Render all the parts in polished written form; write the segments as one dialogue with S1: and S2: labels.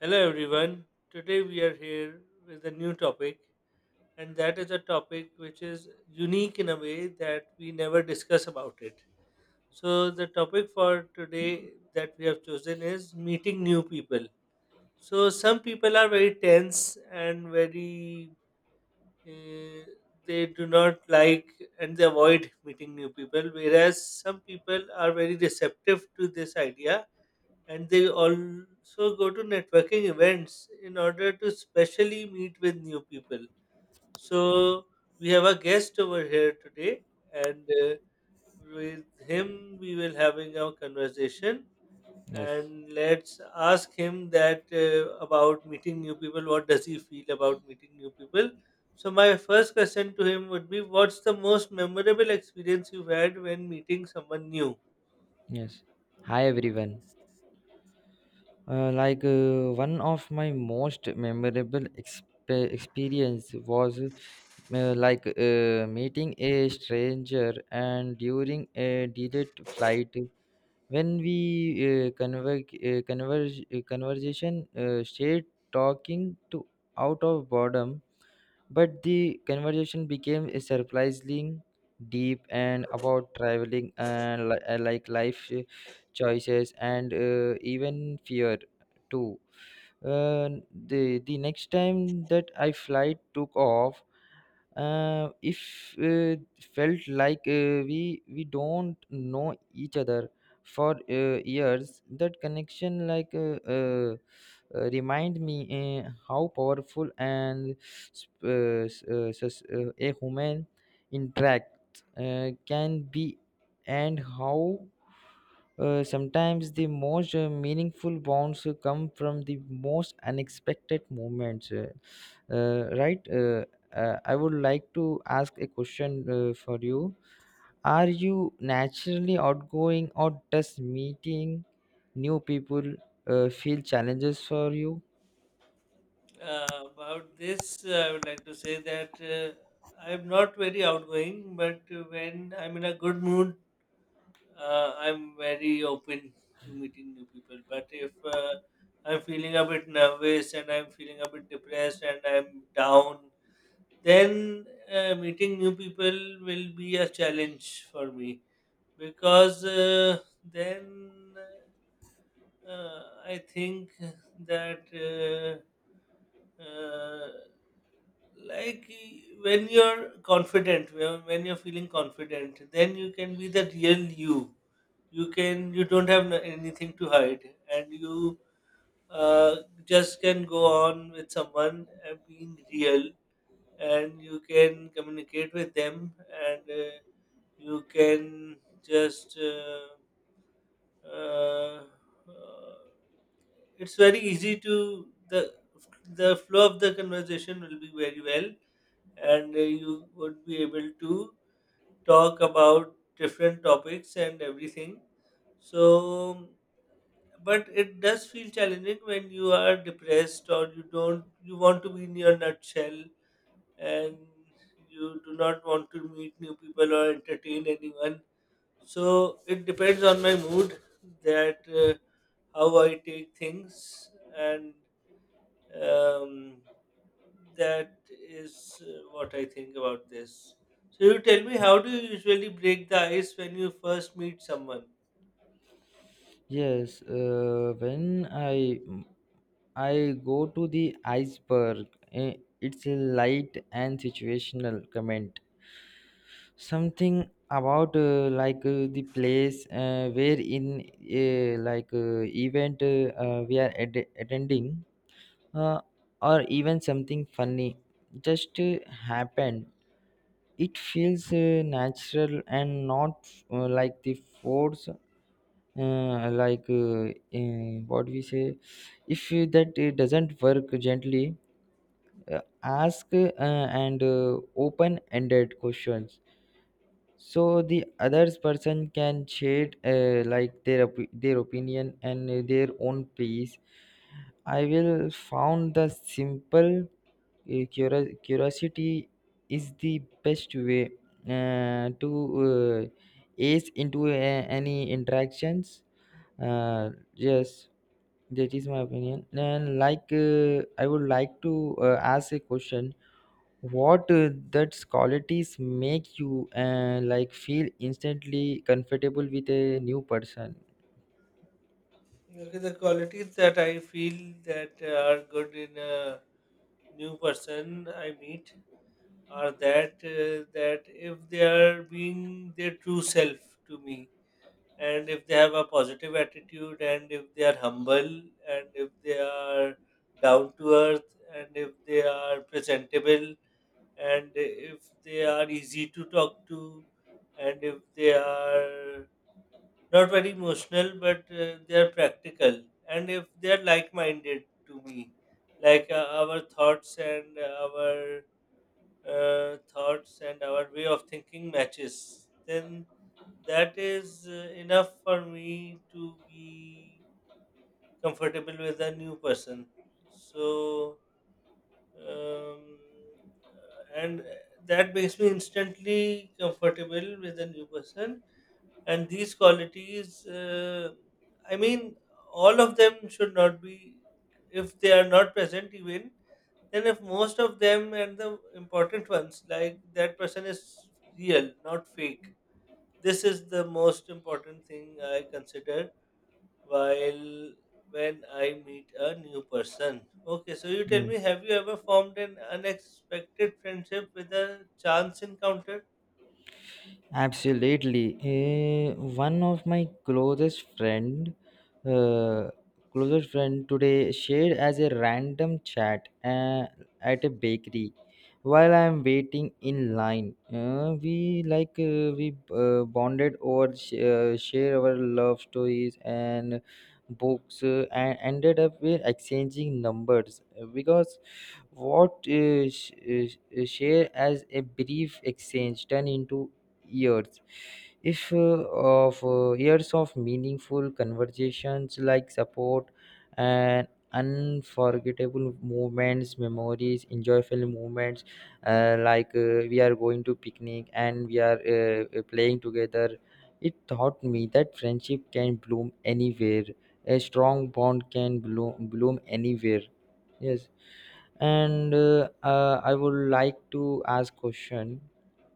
S1: Hello everyone. Today we are here with a new topic, and that is a topic which is unique in a way that we never discuss about it. So the topic for today that we have chosen is meeting new people. So some people are very tense and very uh, they do not like, and they avoid meeting new people, whereas some people are very receptive to this idea and they also go to networking events in order to specially meet with new people. So we have a guest over here today, and with him we will having a conversation.
S2: Yes,
S1: And let's ask him that about meeting new people. What does he feel about meeting new people? So my first question to him would be, what's the most memorable experience you've had when meeting someone new?
S2: yes. Hi everyone. Like one of my most memorable experience was like meeting a stranger and during a delayed flight when we conversation stayed talking to out of boredom. But the conversation became surprisingly deep and about traveling and like life choices and even fear too. The next time that I flight took off, if felt like we don't know each other for years. That connection like remind me how powerful and a human interact can be, and how sometimes the most meaningful bonds come from the most unexpected moments, right. I would like to ask a question for you. Are you naturally outgoing, or does meeting new people feel challenges for you?
S1: About this, I would like to say that I'm not very outgoing, but when I'm in a good mood, I'm very open to meeting new people. But if I'm feeling a bit nervous and I'm feeling a bit depressed and I'm down, then meeting new people will be a challenge for me, because then I think that like, when you're confident, when you're feeling confident, then you can be the real you. You can You don't have anything to hide, and you uh, just can go on with someone and being real, and you can communicate with them and. You can just uh, uh, it's very easy to the flow of the conversation will be very well, and you would be able to talk about different topics and everything. So, but it does feel challenging when you are depressed or you don't you want to be in your nutshell, and you do not want to meet new people or entertain anyone. So it depends on my mood, that how I take things, and um, that is what I think about this. So you tell me, how do you usually break the ice when you first meet someone?
S2: Yes, when I go to the iceberg, eh, it's a light and situational comment. Something about like the place where in like event we are attending, uh, or even something funny just happened. It feels natural and not like the force like what we say. If you- That it doesn't work, gently ask, and open ended questions so the others person can share like their their opinion and their own piece. I will found the simple curiosity is the best way to uh, ease into any interactions. Yes, that is my opinion, and like I would like to ask a question. What that's qualities make you like feel instantly comfortable with a new person?
S1: Okay, the qualities that I feel that are good in a new person I meet are that that if they are being their true self to me, and if they have a positive attitude, and if they are humble, and if they are down to earth, and if they are presentable, and if they are easy to talk to, and if they are not very emotional, but they are practical, and if they are like minded to me. Like our thoughts and our thoughts and our way of thinking matches, then that is enough for me to be comfortable with a new person. So, um, and that makes me instantly comfortable with a new person. And these qualities, I mean, all of them should not be, if they are not present, even then if most of them and the important ones, like that person is real, not fake. This is the most important thing I consider while when I meet a new person. Okay, so you tell
S2: Hmm.
S1: me, have you ever formed an unexpected friendship with a chance encounter?
S2: Absolutely. One of my uh, closest friend today shared as a random chat at a bakery while I'm waiting in line. We bonded over share our love stories and books, and ended up with exchanging numbers because what share as a brief exchange turned into years. If uh, of uh, years of meaningful conversations, like support and unforgettable moments, memories, enjoyable moments. Like we are going to picnic, and we are playing together. It taught me that friendship can bloom anywhere. A strong bond can bloom anywhere. Yes. And I would like to ask question.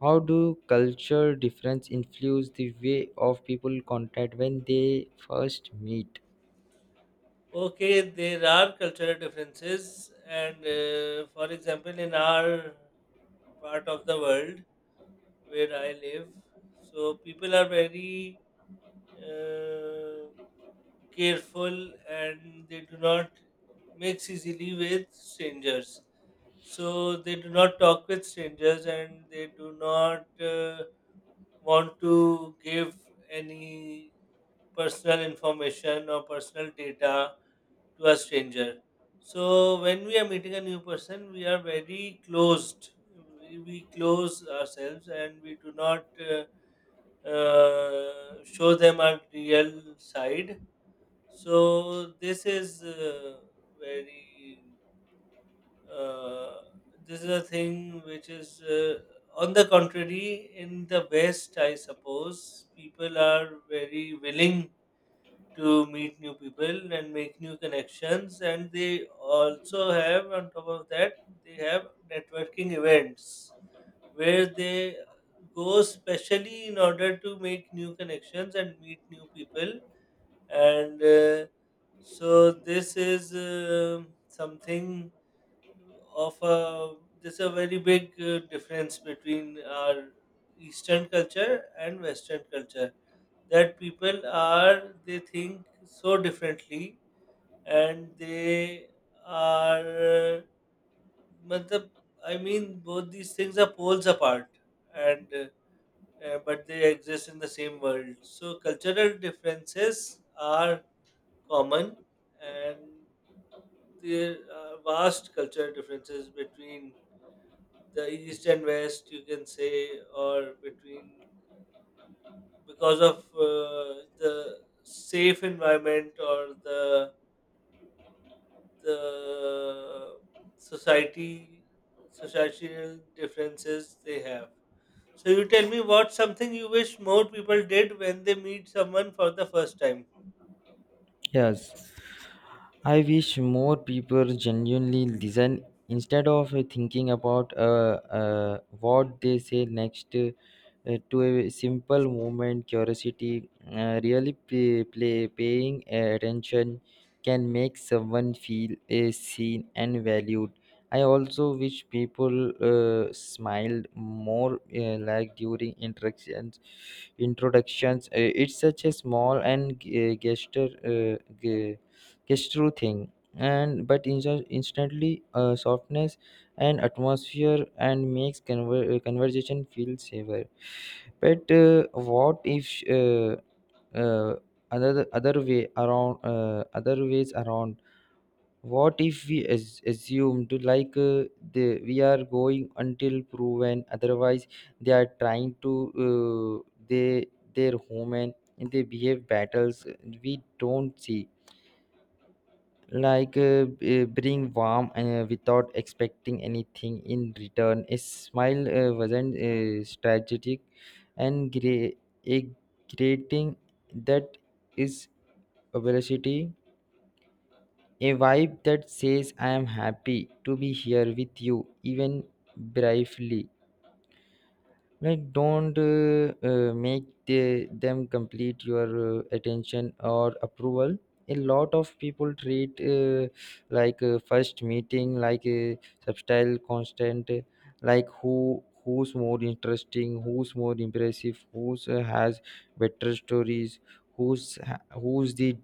S2: How do culture difference influence the way of people contact when they first meet?
S1: Okay, there are cultural differences, and for example, in our part of the world where I live, so people are very uh, careful, and they do not mix easily with strangers. So they do not talk with strangers, and they do not want to give any personal information or personal data to a stranger. So when we are meeting a new person, we are very closed. We close ourselves, and we do not show them our real side. So this is very uh, this is a thing which is on the contrary in the West, I suppose people are very willing to meet new people and make new connections, and they also have, on top of that, they have networking events where they go specially in order to make new connections and meet new people. And so this is something of a there's a very big difference between our eastern culture and western culture, that people are they think so differently, and they are मतलब, I mean both these things are poles apart, and but they exist in the same world. So cultural differences are common, and there are vast cultural differences between the east and west, you can say, or between, because of the safe environment or the the society, societal differences they have. So you tell me, what something you wish more people did when they meet someone for the first time?
S2: Yes. I wish more people genuinely listen instead of thinking about what they say next. To a simple moment, curiosity, really paying attention can make someone feel seen and valued. I also wish people smiled more, like during interactions. Introductions. It's such a small and gesture. G- Gesture thing, and but instantly softness and atmosphere, and makes conversation feel safer. But what if uh, another other way around, other ways around. What if we assumed like the we are going until proven otherwise, they are trying to, uh, they they're human and they behave battles we don't see. Like bring warm without expecting anything in return. A smile wasn't strategic, and a greeting that is a velocity, a vibe that says I am happy to be here with you, even briefly. Like don't make the, them complete your attention or approval. A lot of people treat like a first meeting like a subtle constant, like who's more interesting, who's more impressive, who's has better stories, who's the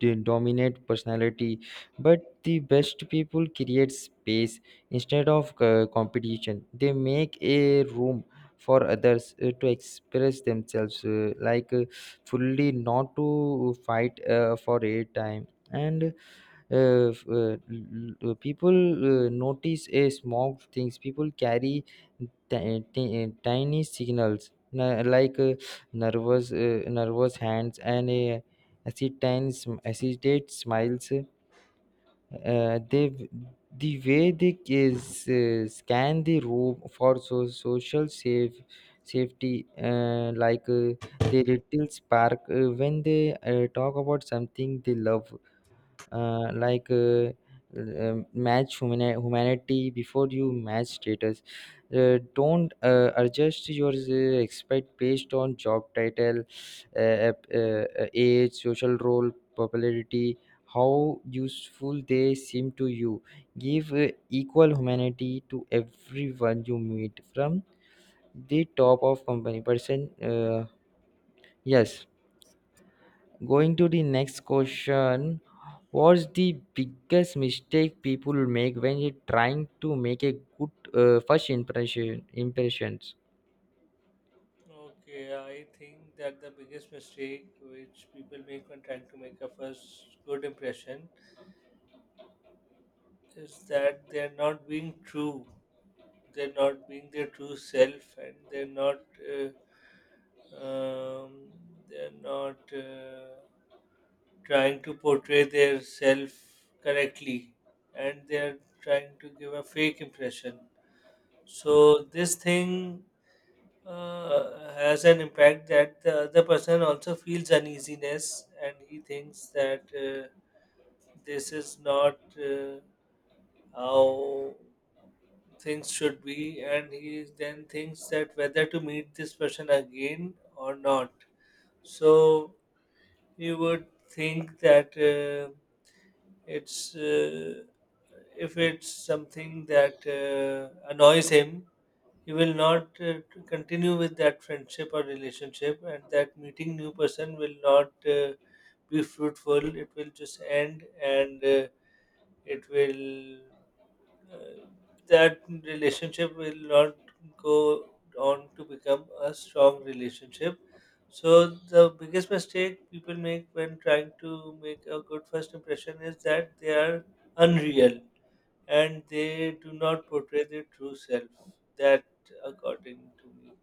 S2: dominate personality. But the best people create space instead of competition. They make a room for others to express themselves like fully, not to fight for a time. And people notice a smog things people carry, tiny signals, like nervous nervous hands, and a hesitate smiles. They, the way they is, scan the room for social safety, like they little spark when they talk about something they love. Like match humanity before you match status. Don't adjust your expect based on job title, age, social role, popularity, how useful they seem to you. Give equal humanity to everyone you meet, from the top of company person. Yes. Going to the next question, what's the biggest mistake people make when you're trying to make a good first impression? Impressions.
S1: Okay, I think that the biggest mistake which people make when trying to make a first good impression is that they're not being true. They're not being their true self, and uh, um, they're not trying to portray their self correctly, and they're trying to give a fake impression. So this thing has an impact, that the other person also feels uneasiness, and he thinks that this is not how things should be, and he then thinks that whether to meet this person again or not. So he would think that it's if it's something that annoys him, you will not continue with that friendship or relationship, and that meeting new person will not be fruitful, it will just end, and it will uh, that relationship will not go on to become a strong relationship. So the biggest mistake people make when trying to make a good first impression is that they are unreal and they do not portray their true self. That, according to me.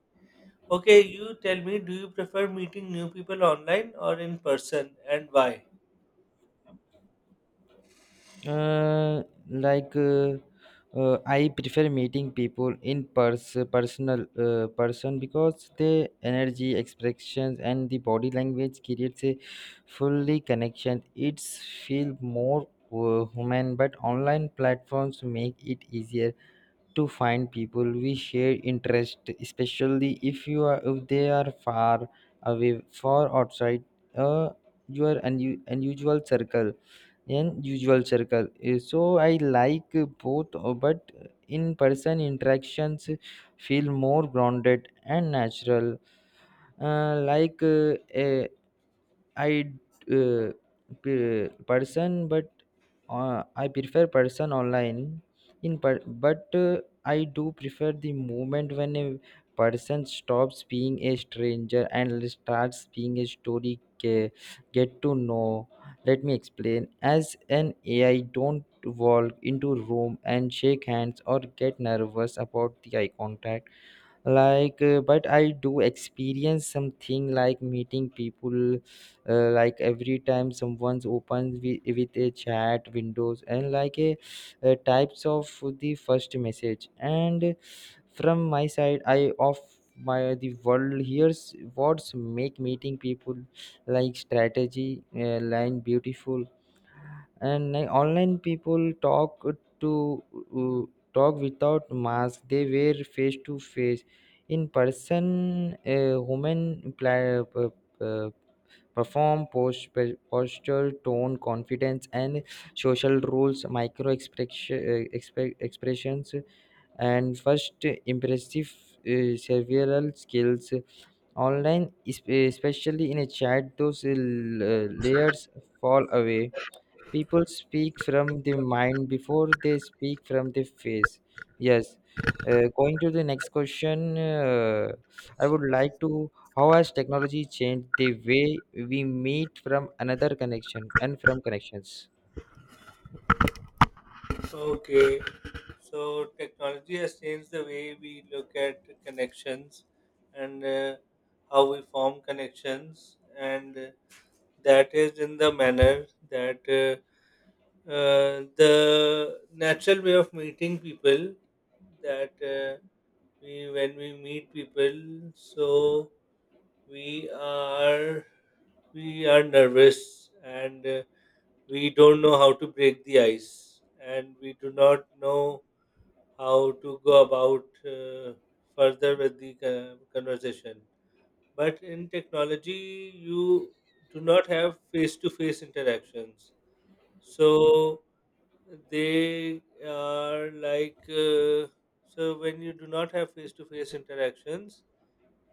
S1: Okay, you tell me, do you prefer meeting new people online or in person, and why?
S2: Like I prefer meeting people in personal person because the energy, expressions, and the body language creates a fully connection. It's feel more human, but online platforms make it easier to find people we share interest, especially if you are, if they are far away, far outside uh, your unusual circle, unusual circle. So I like both, but in person interactions feel more grounded and natural. Like a- I uh, person, but I prefer person online. But I do prefer the moment when a person stops being a stranger and starts being a story, get to know. Let me explain. As an AI, don't walk into room and shake hands or get nervous about the eye contact. Like but I do experience something like meeting people, like every time someone's opens with a chat windows, and like a types of the first message. And from my side, I of my the world, here's what's make meeting people like strategy line beautiful. And like, online people talk to, talk without mask, they were face to face. In person, human uh, perform posture, tone, confidence, and social rules, micro expression, expressions, and first impressive, several skills. Online, especially in a chat, those layers fall away. People speak from the mind before they speak from the face. Yes. Going to the next question, I would like to. How has technology changed the way we meet from another connection and from connections?
S1: Okay, so technology has changed the way we look at connections, and how we form connections, and that is in the manner that the natural way of meeting people, that we when we meet people, so we are we are nervous, and we don't know how to break the ice, and we do not know how to go about further with the conversation. But in technology you do not have face to face interactions, so they are like so when you do not have face to face interactions,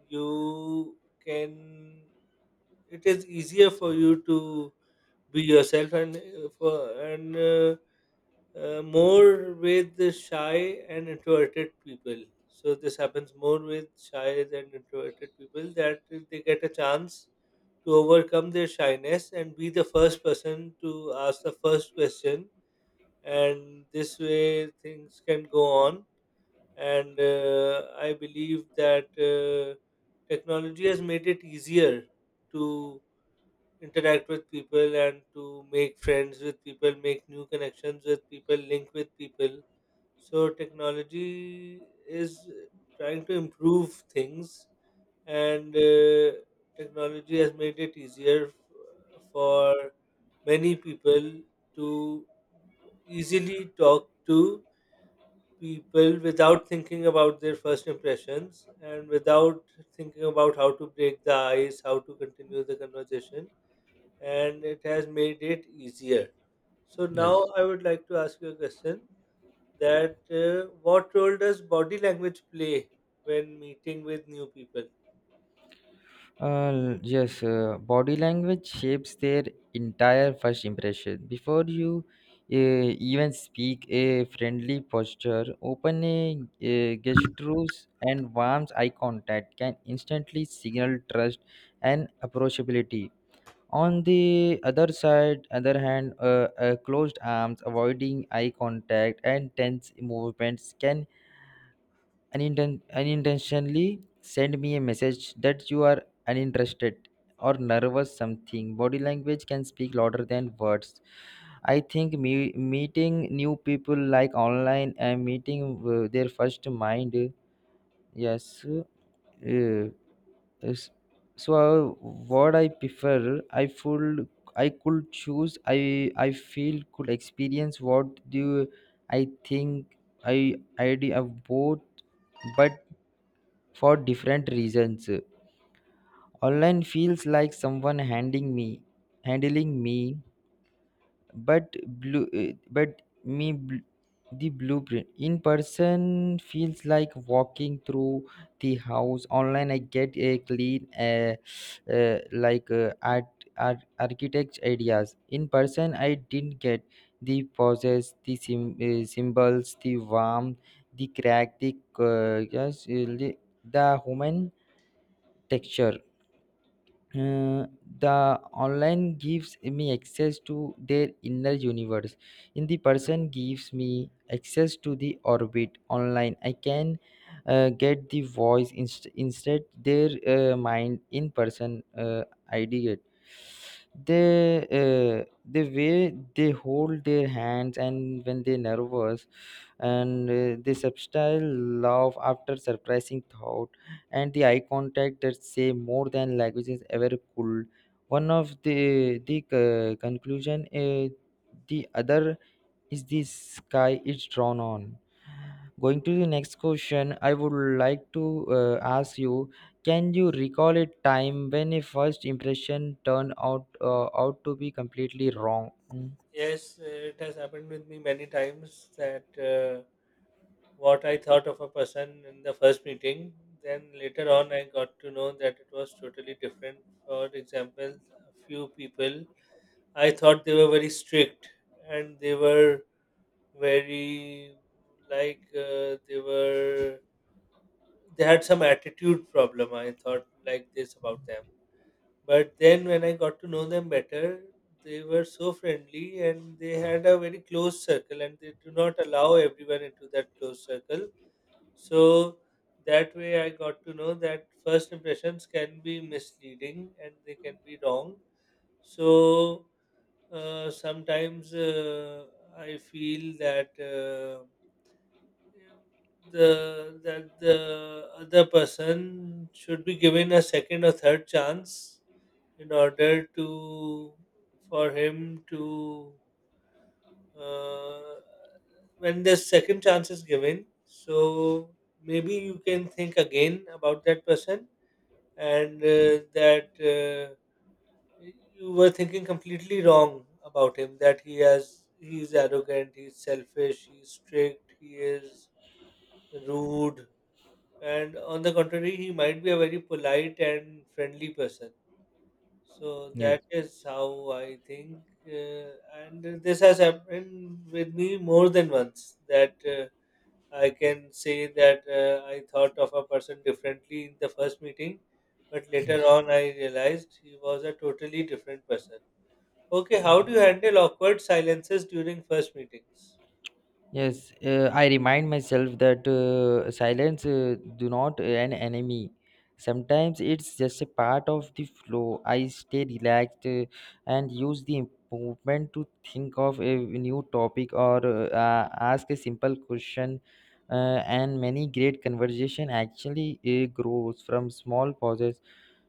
S1: you can it is easier for you to be yourself, and for and more with the shy and introverted people. So this happens more with shy than introverted people, that they get a chance to overcome their shyness and be the first person to ask the first question, and this way things can go on. And I believe that technology has made it easier to interact with people, and to make friends with people, make new connections with people, link with people. So technology is trying to improve things, and technology has made it easier for many people to easily talk to people without thinking about their first impressions, and without thinking about how to break the ice, how to continue the conversation. And it has made it easier. So now
S2: Yes.
S1: I would like to ask you a question, that what role does body language play when meeting with new people?
S2: Yes. Body language shapes their entire first impression. Before you even speak, a friendly posture, open a gestures, and warm eye contact can instantly signal trust and approachability. On the other side, other hand, closed arms, avoiding eye contact, and tense movements can unintentionally send me a message that you are uninterested or nervous. Something body language can speak louder than words. I think meeting new people like online, and meeting their first mind. Yes. uh, is- so what I prefer, I full, I could choose, I feel could experience, what do I think, I idea of both, but for different reasons. Online feels like someone handing me, handling me, but blue, but me the blueprint. In person feels like walking through the house. Online, I get a clean, like art, architect ideas. In person, I didn't get the poses, the symbols, the warmth, the crack, the yes, the human texture. Uh, the online gives me access to their inner universe. In the person gives me access to the orbit. Online, I can get the voice, instead their mind. In person, idea. They, the way they hold their hands and when they're nervous, and the subtle love after surprising thought, and the eye contact that say more than languages ever could. One of the conclusion, the other is the sky is drawn on. Going to the next question, I would like to ask you: can you recall a time when a first impression turned out, out to be completely wrong? Mm,
S1: Yes, it has happened with me many times that what I thought of a person in the first meeting, then later on I got to know that it was totally different. For example, a few people I thought they were very strict, and they were very like they were they had some attitude problem, I thought like this about them. But then when I got to know them better, they were so friendly, and they had a very close circle, and they do not allow everyone into that close circle. So that way I got to know that first impressions can be misleading, and they can be wrong. So sometimes I feel that the that the other person should be given a second or third chance, in order to for him to uh, when the second chance is given, so maybe you can think again about that person. And that you were thinking completely wrong about him, that he has he's arrogant, he's selfish, he's strict, he is rude, and on the contrary he might be a very polite and friendly person. So
S2: yes.
S1: that is how I think and this has happened with me more than once, that I can say that I thought of a person differently in the first meeting, but later
S2: Yes.
S1: on I realized he was a totally different person. Okay, how do you handle awkward silences during first meetings?
S2: Yes, I remind myself that silence do not an enemy. Sometimes it's just a part of the flow. I stay relaxed and use the movement to think of a new topic or ask a simple question. And many great conversation actually grows from small pauses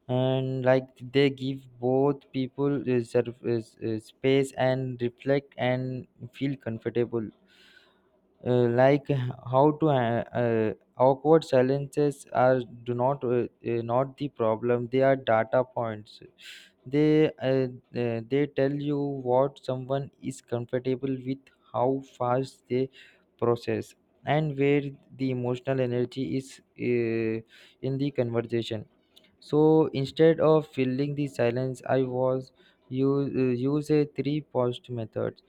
S2: and like they give both people space and reflect and feel comfortable uh, like h- awkward silences are do not not the problem, they are data points. They they tell you what someone is comfortable with, how fast they process, and where the emotional energy is in the conversation. So instead of filling the silence, I was you use a three paused method.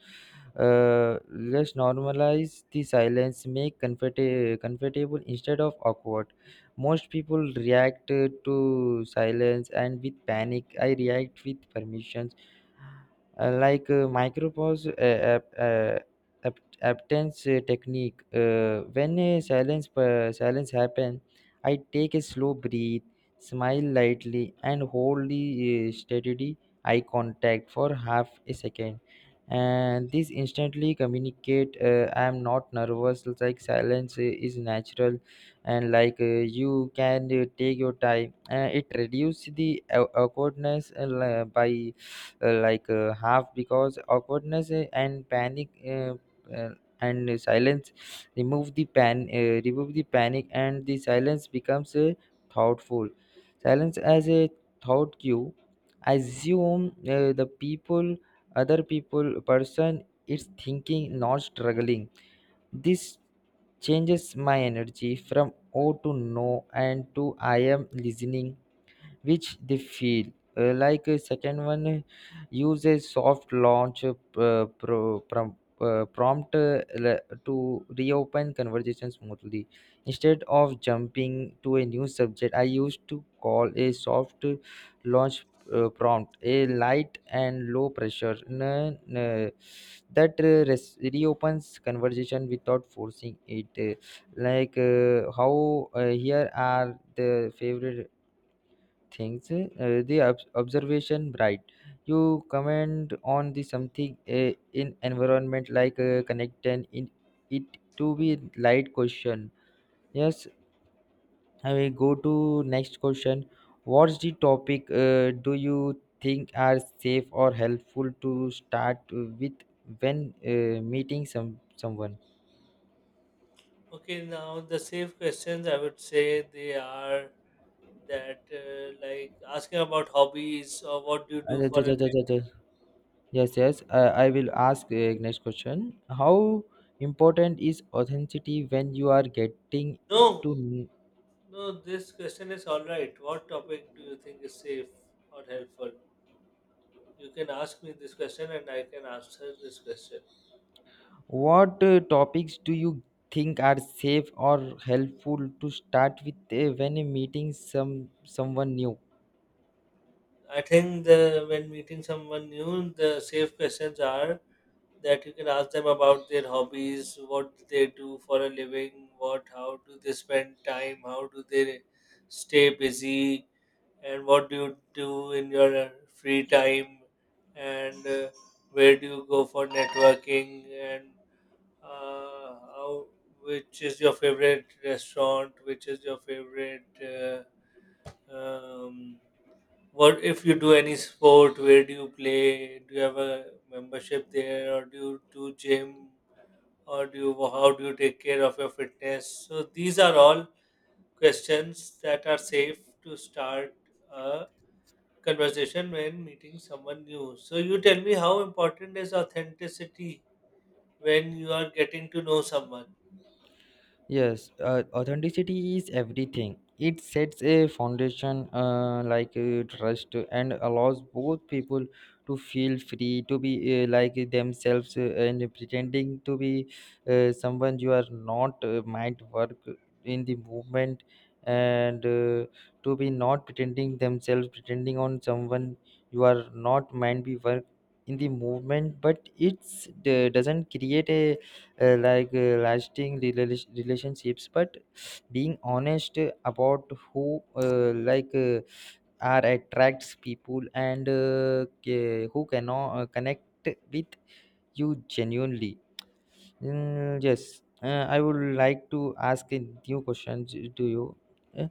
S2: Let's normalize the silence, make comfortable instead of awkward. Most people react to silence and with panic. I react with permissions, micropause absence technique. When a silence silence happen, I take a slow breathe, smile lightly, and hold the steady eye contact for half a second, and this instantly communicate I am not nervous, like silence is natural, and you can take your time. Uh, it reduces the awkwardness by half, because awkwardness and panic uh, and silence remove the pan remove the panic, and the silence becomes thoughtful. Silence as a thought cue. Assume the people other people person is thinking, not struggling. This changes my energy from oh to no and to I am listening, which they feel. A second one, use a soft launch prompt to reopen conversation smoothly. Instead of jumping to a new subject, I used to call a soft launch prompt, a light and low pressure that reopens conversation without forcing it. Like how Here are the favorite things, the observation. Right, you comment on the something in environment like connect and in it to be light question. Yes, I will go to next question. What's the topic do you think are safe or helpful to start with when meeting someone?
S1: Okay, now the safe questions I would say they are that like asking about hobbies, or what do you do
S2: अच्छा,
S1: for
S2: अच्छा,
S1: a
S2: अच्छा, अच्छा, अच्छा। Yes, yes. I will ask next question. How important is authenticity when you are getting
S1: no,
S2: to kn-
S1: no, this question is all right. What topic do you think is safe or helpful? You can ask me this question and I can answer this question.
S2: what topics do you think are safe or helpful to start with when meeting someone new?
S1: I think the when meeting someone new, the safe questions are that you can ask them about their hobbies, what do they do for a living, what how do they spend time, how do they stay busy, and what do you do in your free time, and where do you go for networking, and how which is your favorite restaurant, which is your favorite. Um, what if you do any sport, where do you play, do you have a membership there, or do you do gym, or do you how do you take care of your fitness? So these are all questions that are safe to start a conversation when meeting someone new. So you tell me, how important is authenticity when you are getting to know someone?
S2: Yes, authenticity is everything. It sets a foundation trust and allows both people to feel free to be like themselves, and pretending to be someone you are not might work in the movement, and to be not pretending themselves pretending on someone you are not might be work in the movement, but it's doesn't create a lasting relationships. But being honest about who are attracts people, and who cannot connect with you genuinely. Mm, yes. I would like to ask a new question to you. Uh,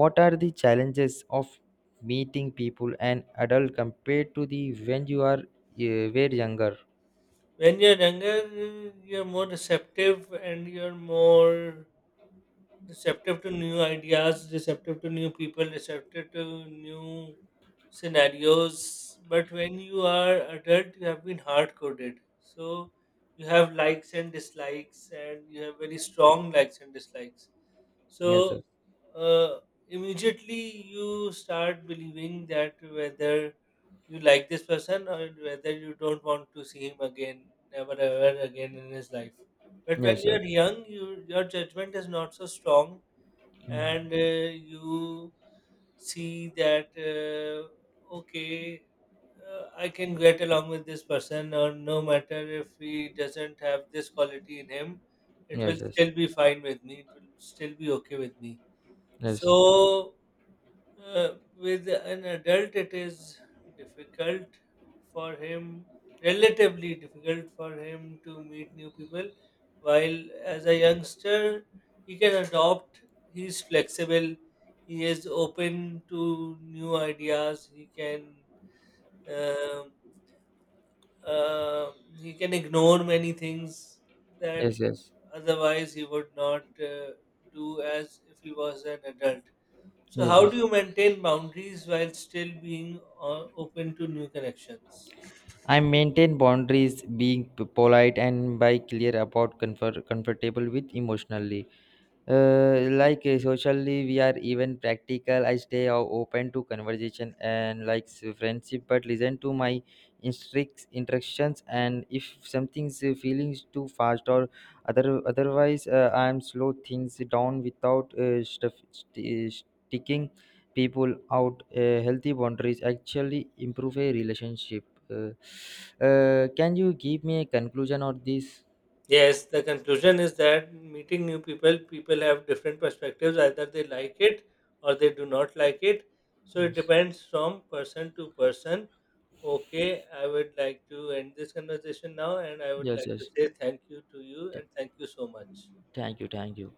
S2: what are the challenges of meeting people and adult compared to the when you are were younger?
S1: When you're younger, you're more receptive, and you're more receptive to new ideas, receptive to new people, receptive to new scenarios. But when you are adult, you have been hard coded. So you have likes and dislikes, and you have very strong likes and dislikes.
S2: Yes,
S1: So uh, immediately you start believing that whether you like this person, or whether you don't want to see him again, never ever again in his life. But when
S2: yes, yes,
S1: you're
S2: yes.
S1: young, you, your judgment is not so strong,
S2: Mm.
S1: and you see that okay, I can get along with this person, or no matter if he doesn't have this quality in him, it will
S2: Yes, yes,
S1: still be fine with me. It will still be okay with me.
S2: yes.
S1: So with an adult, it is difficult for him, relatively difficult for him to meet new people, while as a youngster, he can adopt, he's flexible, he is open to new ideas, he can. um uh, he can ignore many things that
S2: Yes, yes,
S1: otherwise he would not do as if he was an adult. So,
S2: yes,
S1: how do
S2: yes.
S1: you maintain boundaries while still being open to new connections?
S2: I maintain boundaries, being polite and by clear about comfort, comfortable with emotionally. Socially we are even practical, I stay open to conversation and like friendship, but listen to my strict instructions, and if something's feelings too fast or otherwise I am slow things down without sticking people out. Uh, healthy boundaries actually improve a relationship. uh, can you give me a conclusion on this?
S1: Yes, the conclusion is that meeting new people, people have different perspectives. Either they like it or they do not like it. So, it
S2: Yes,
S1: depends from person to person. Okay, I would like to end this conversation now, and I would
S2: yes,
S1: like to
S2: yes.
S1: say thank you to you,
S2: Th-
S1: and thank you so much.
S2: Thank you, thank you.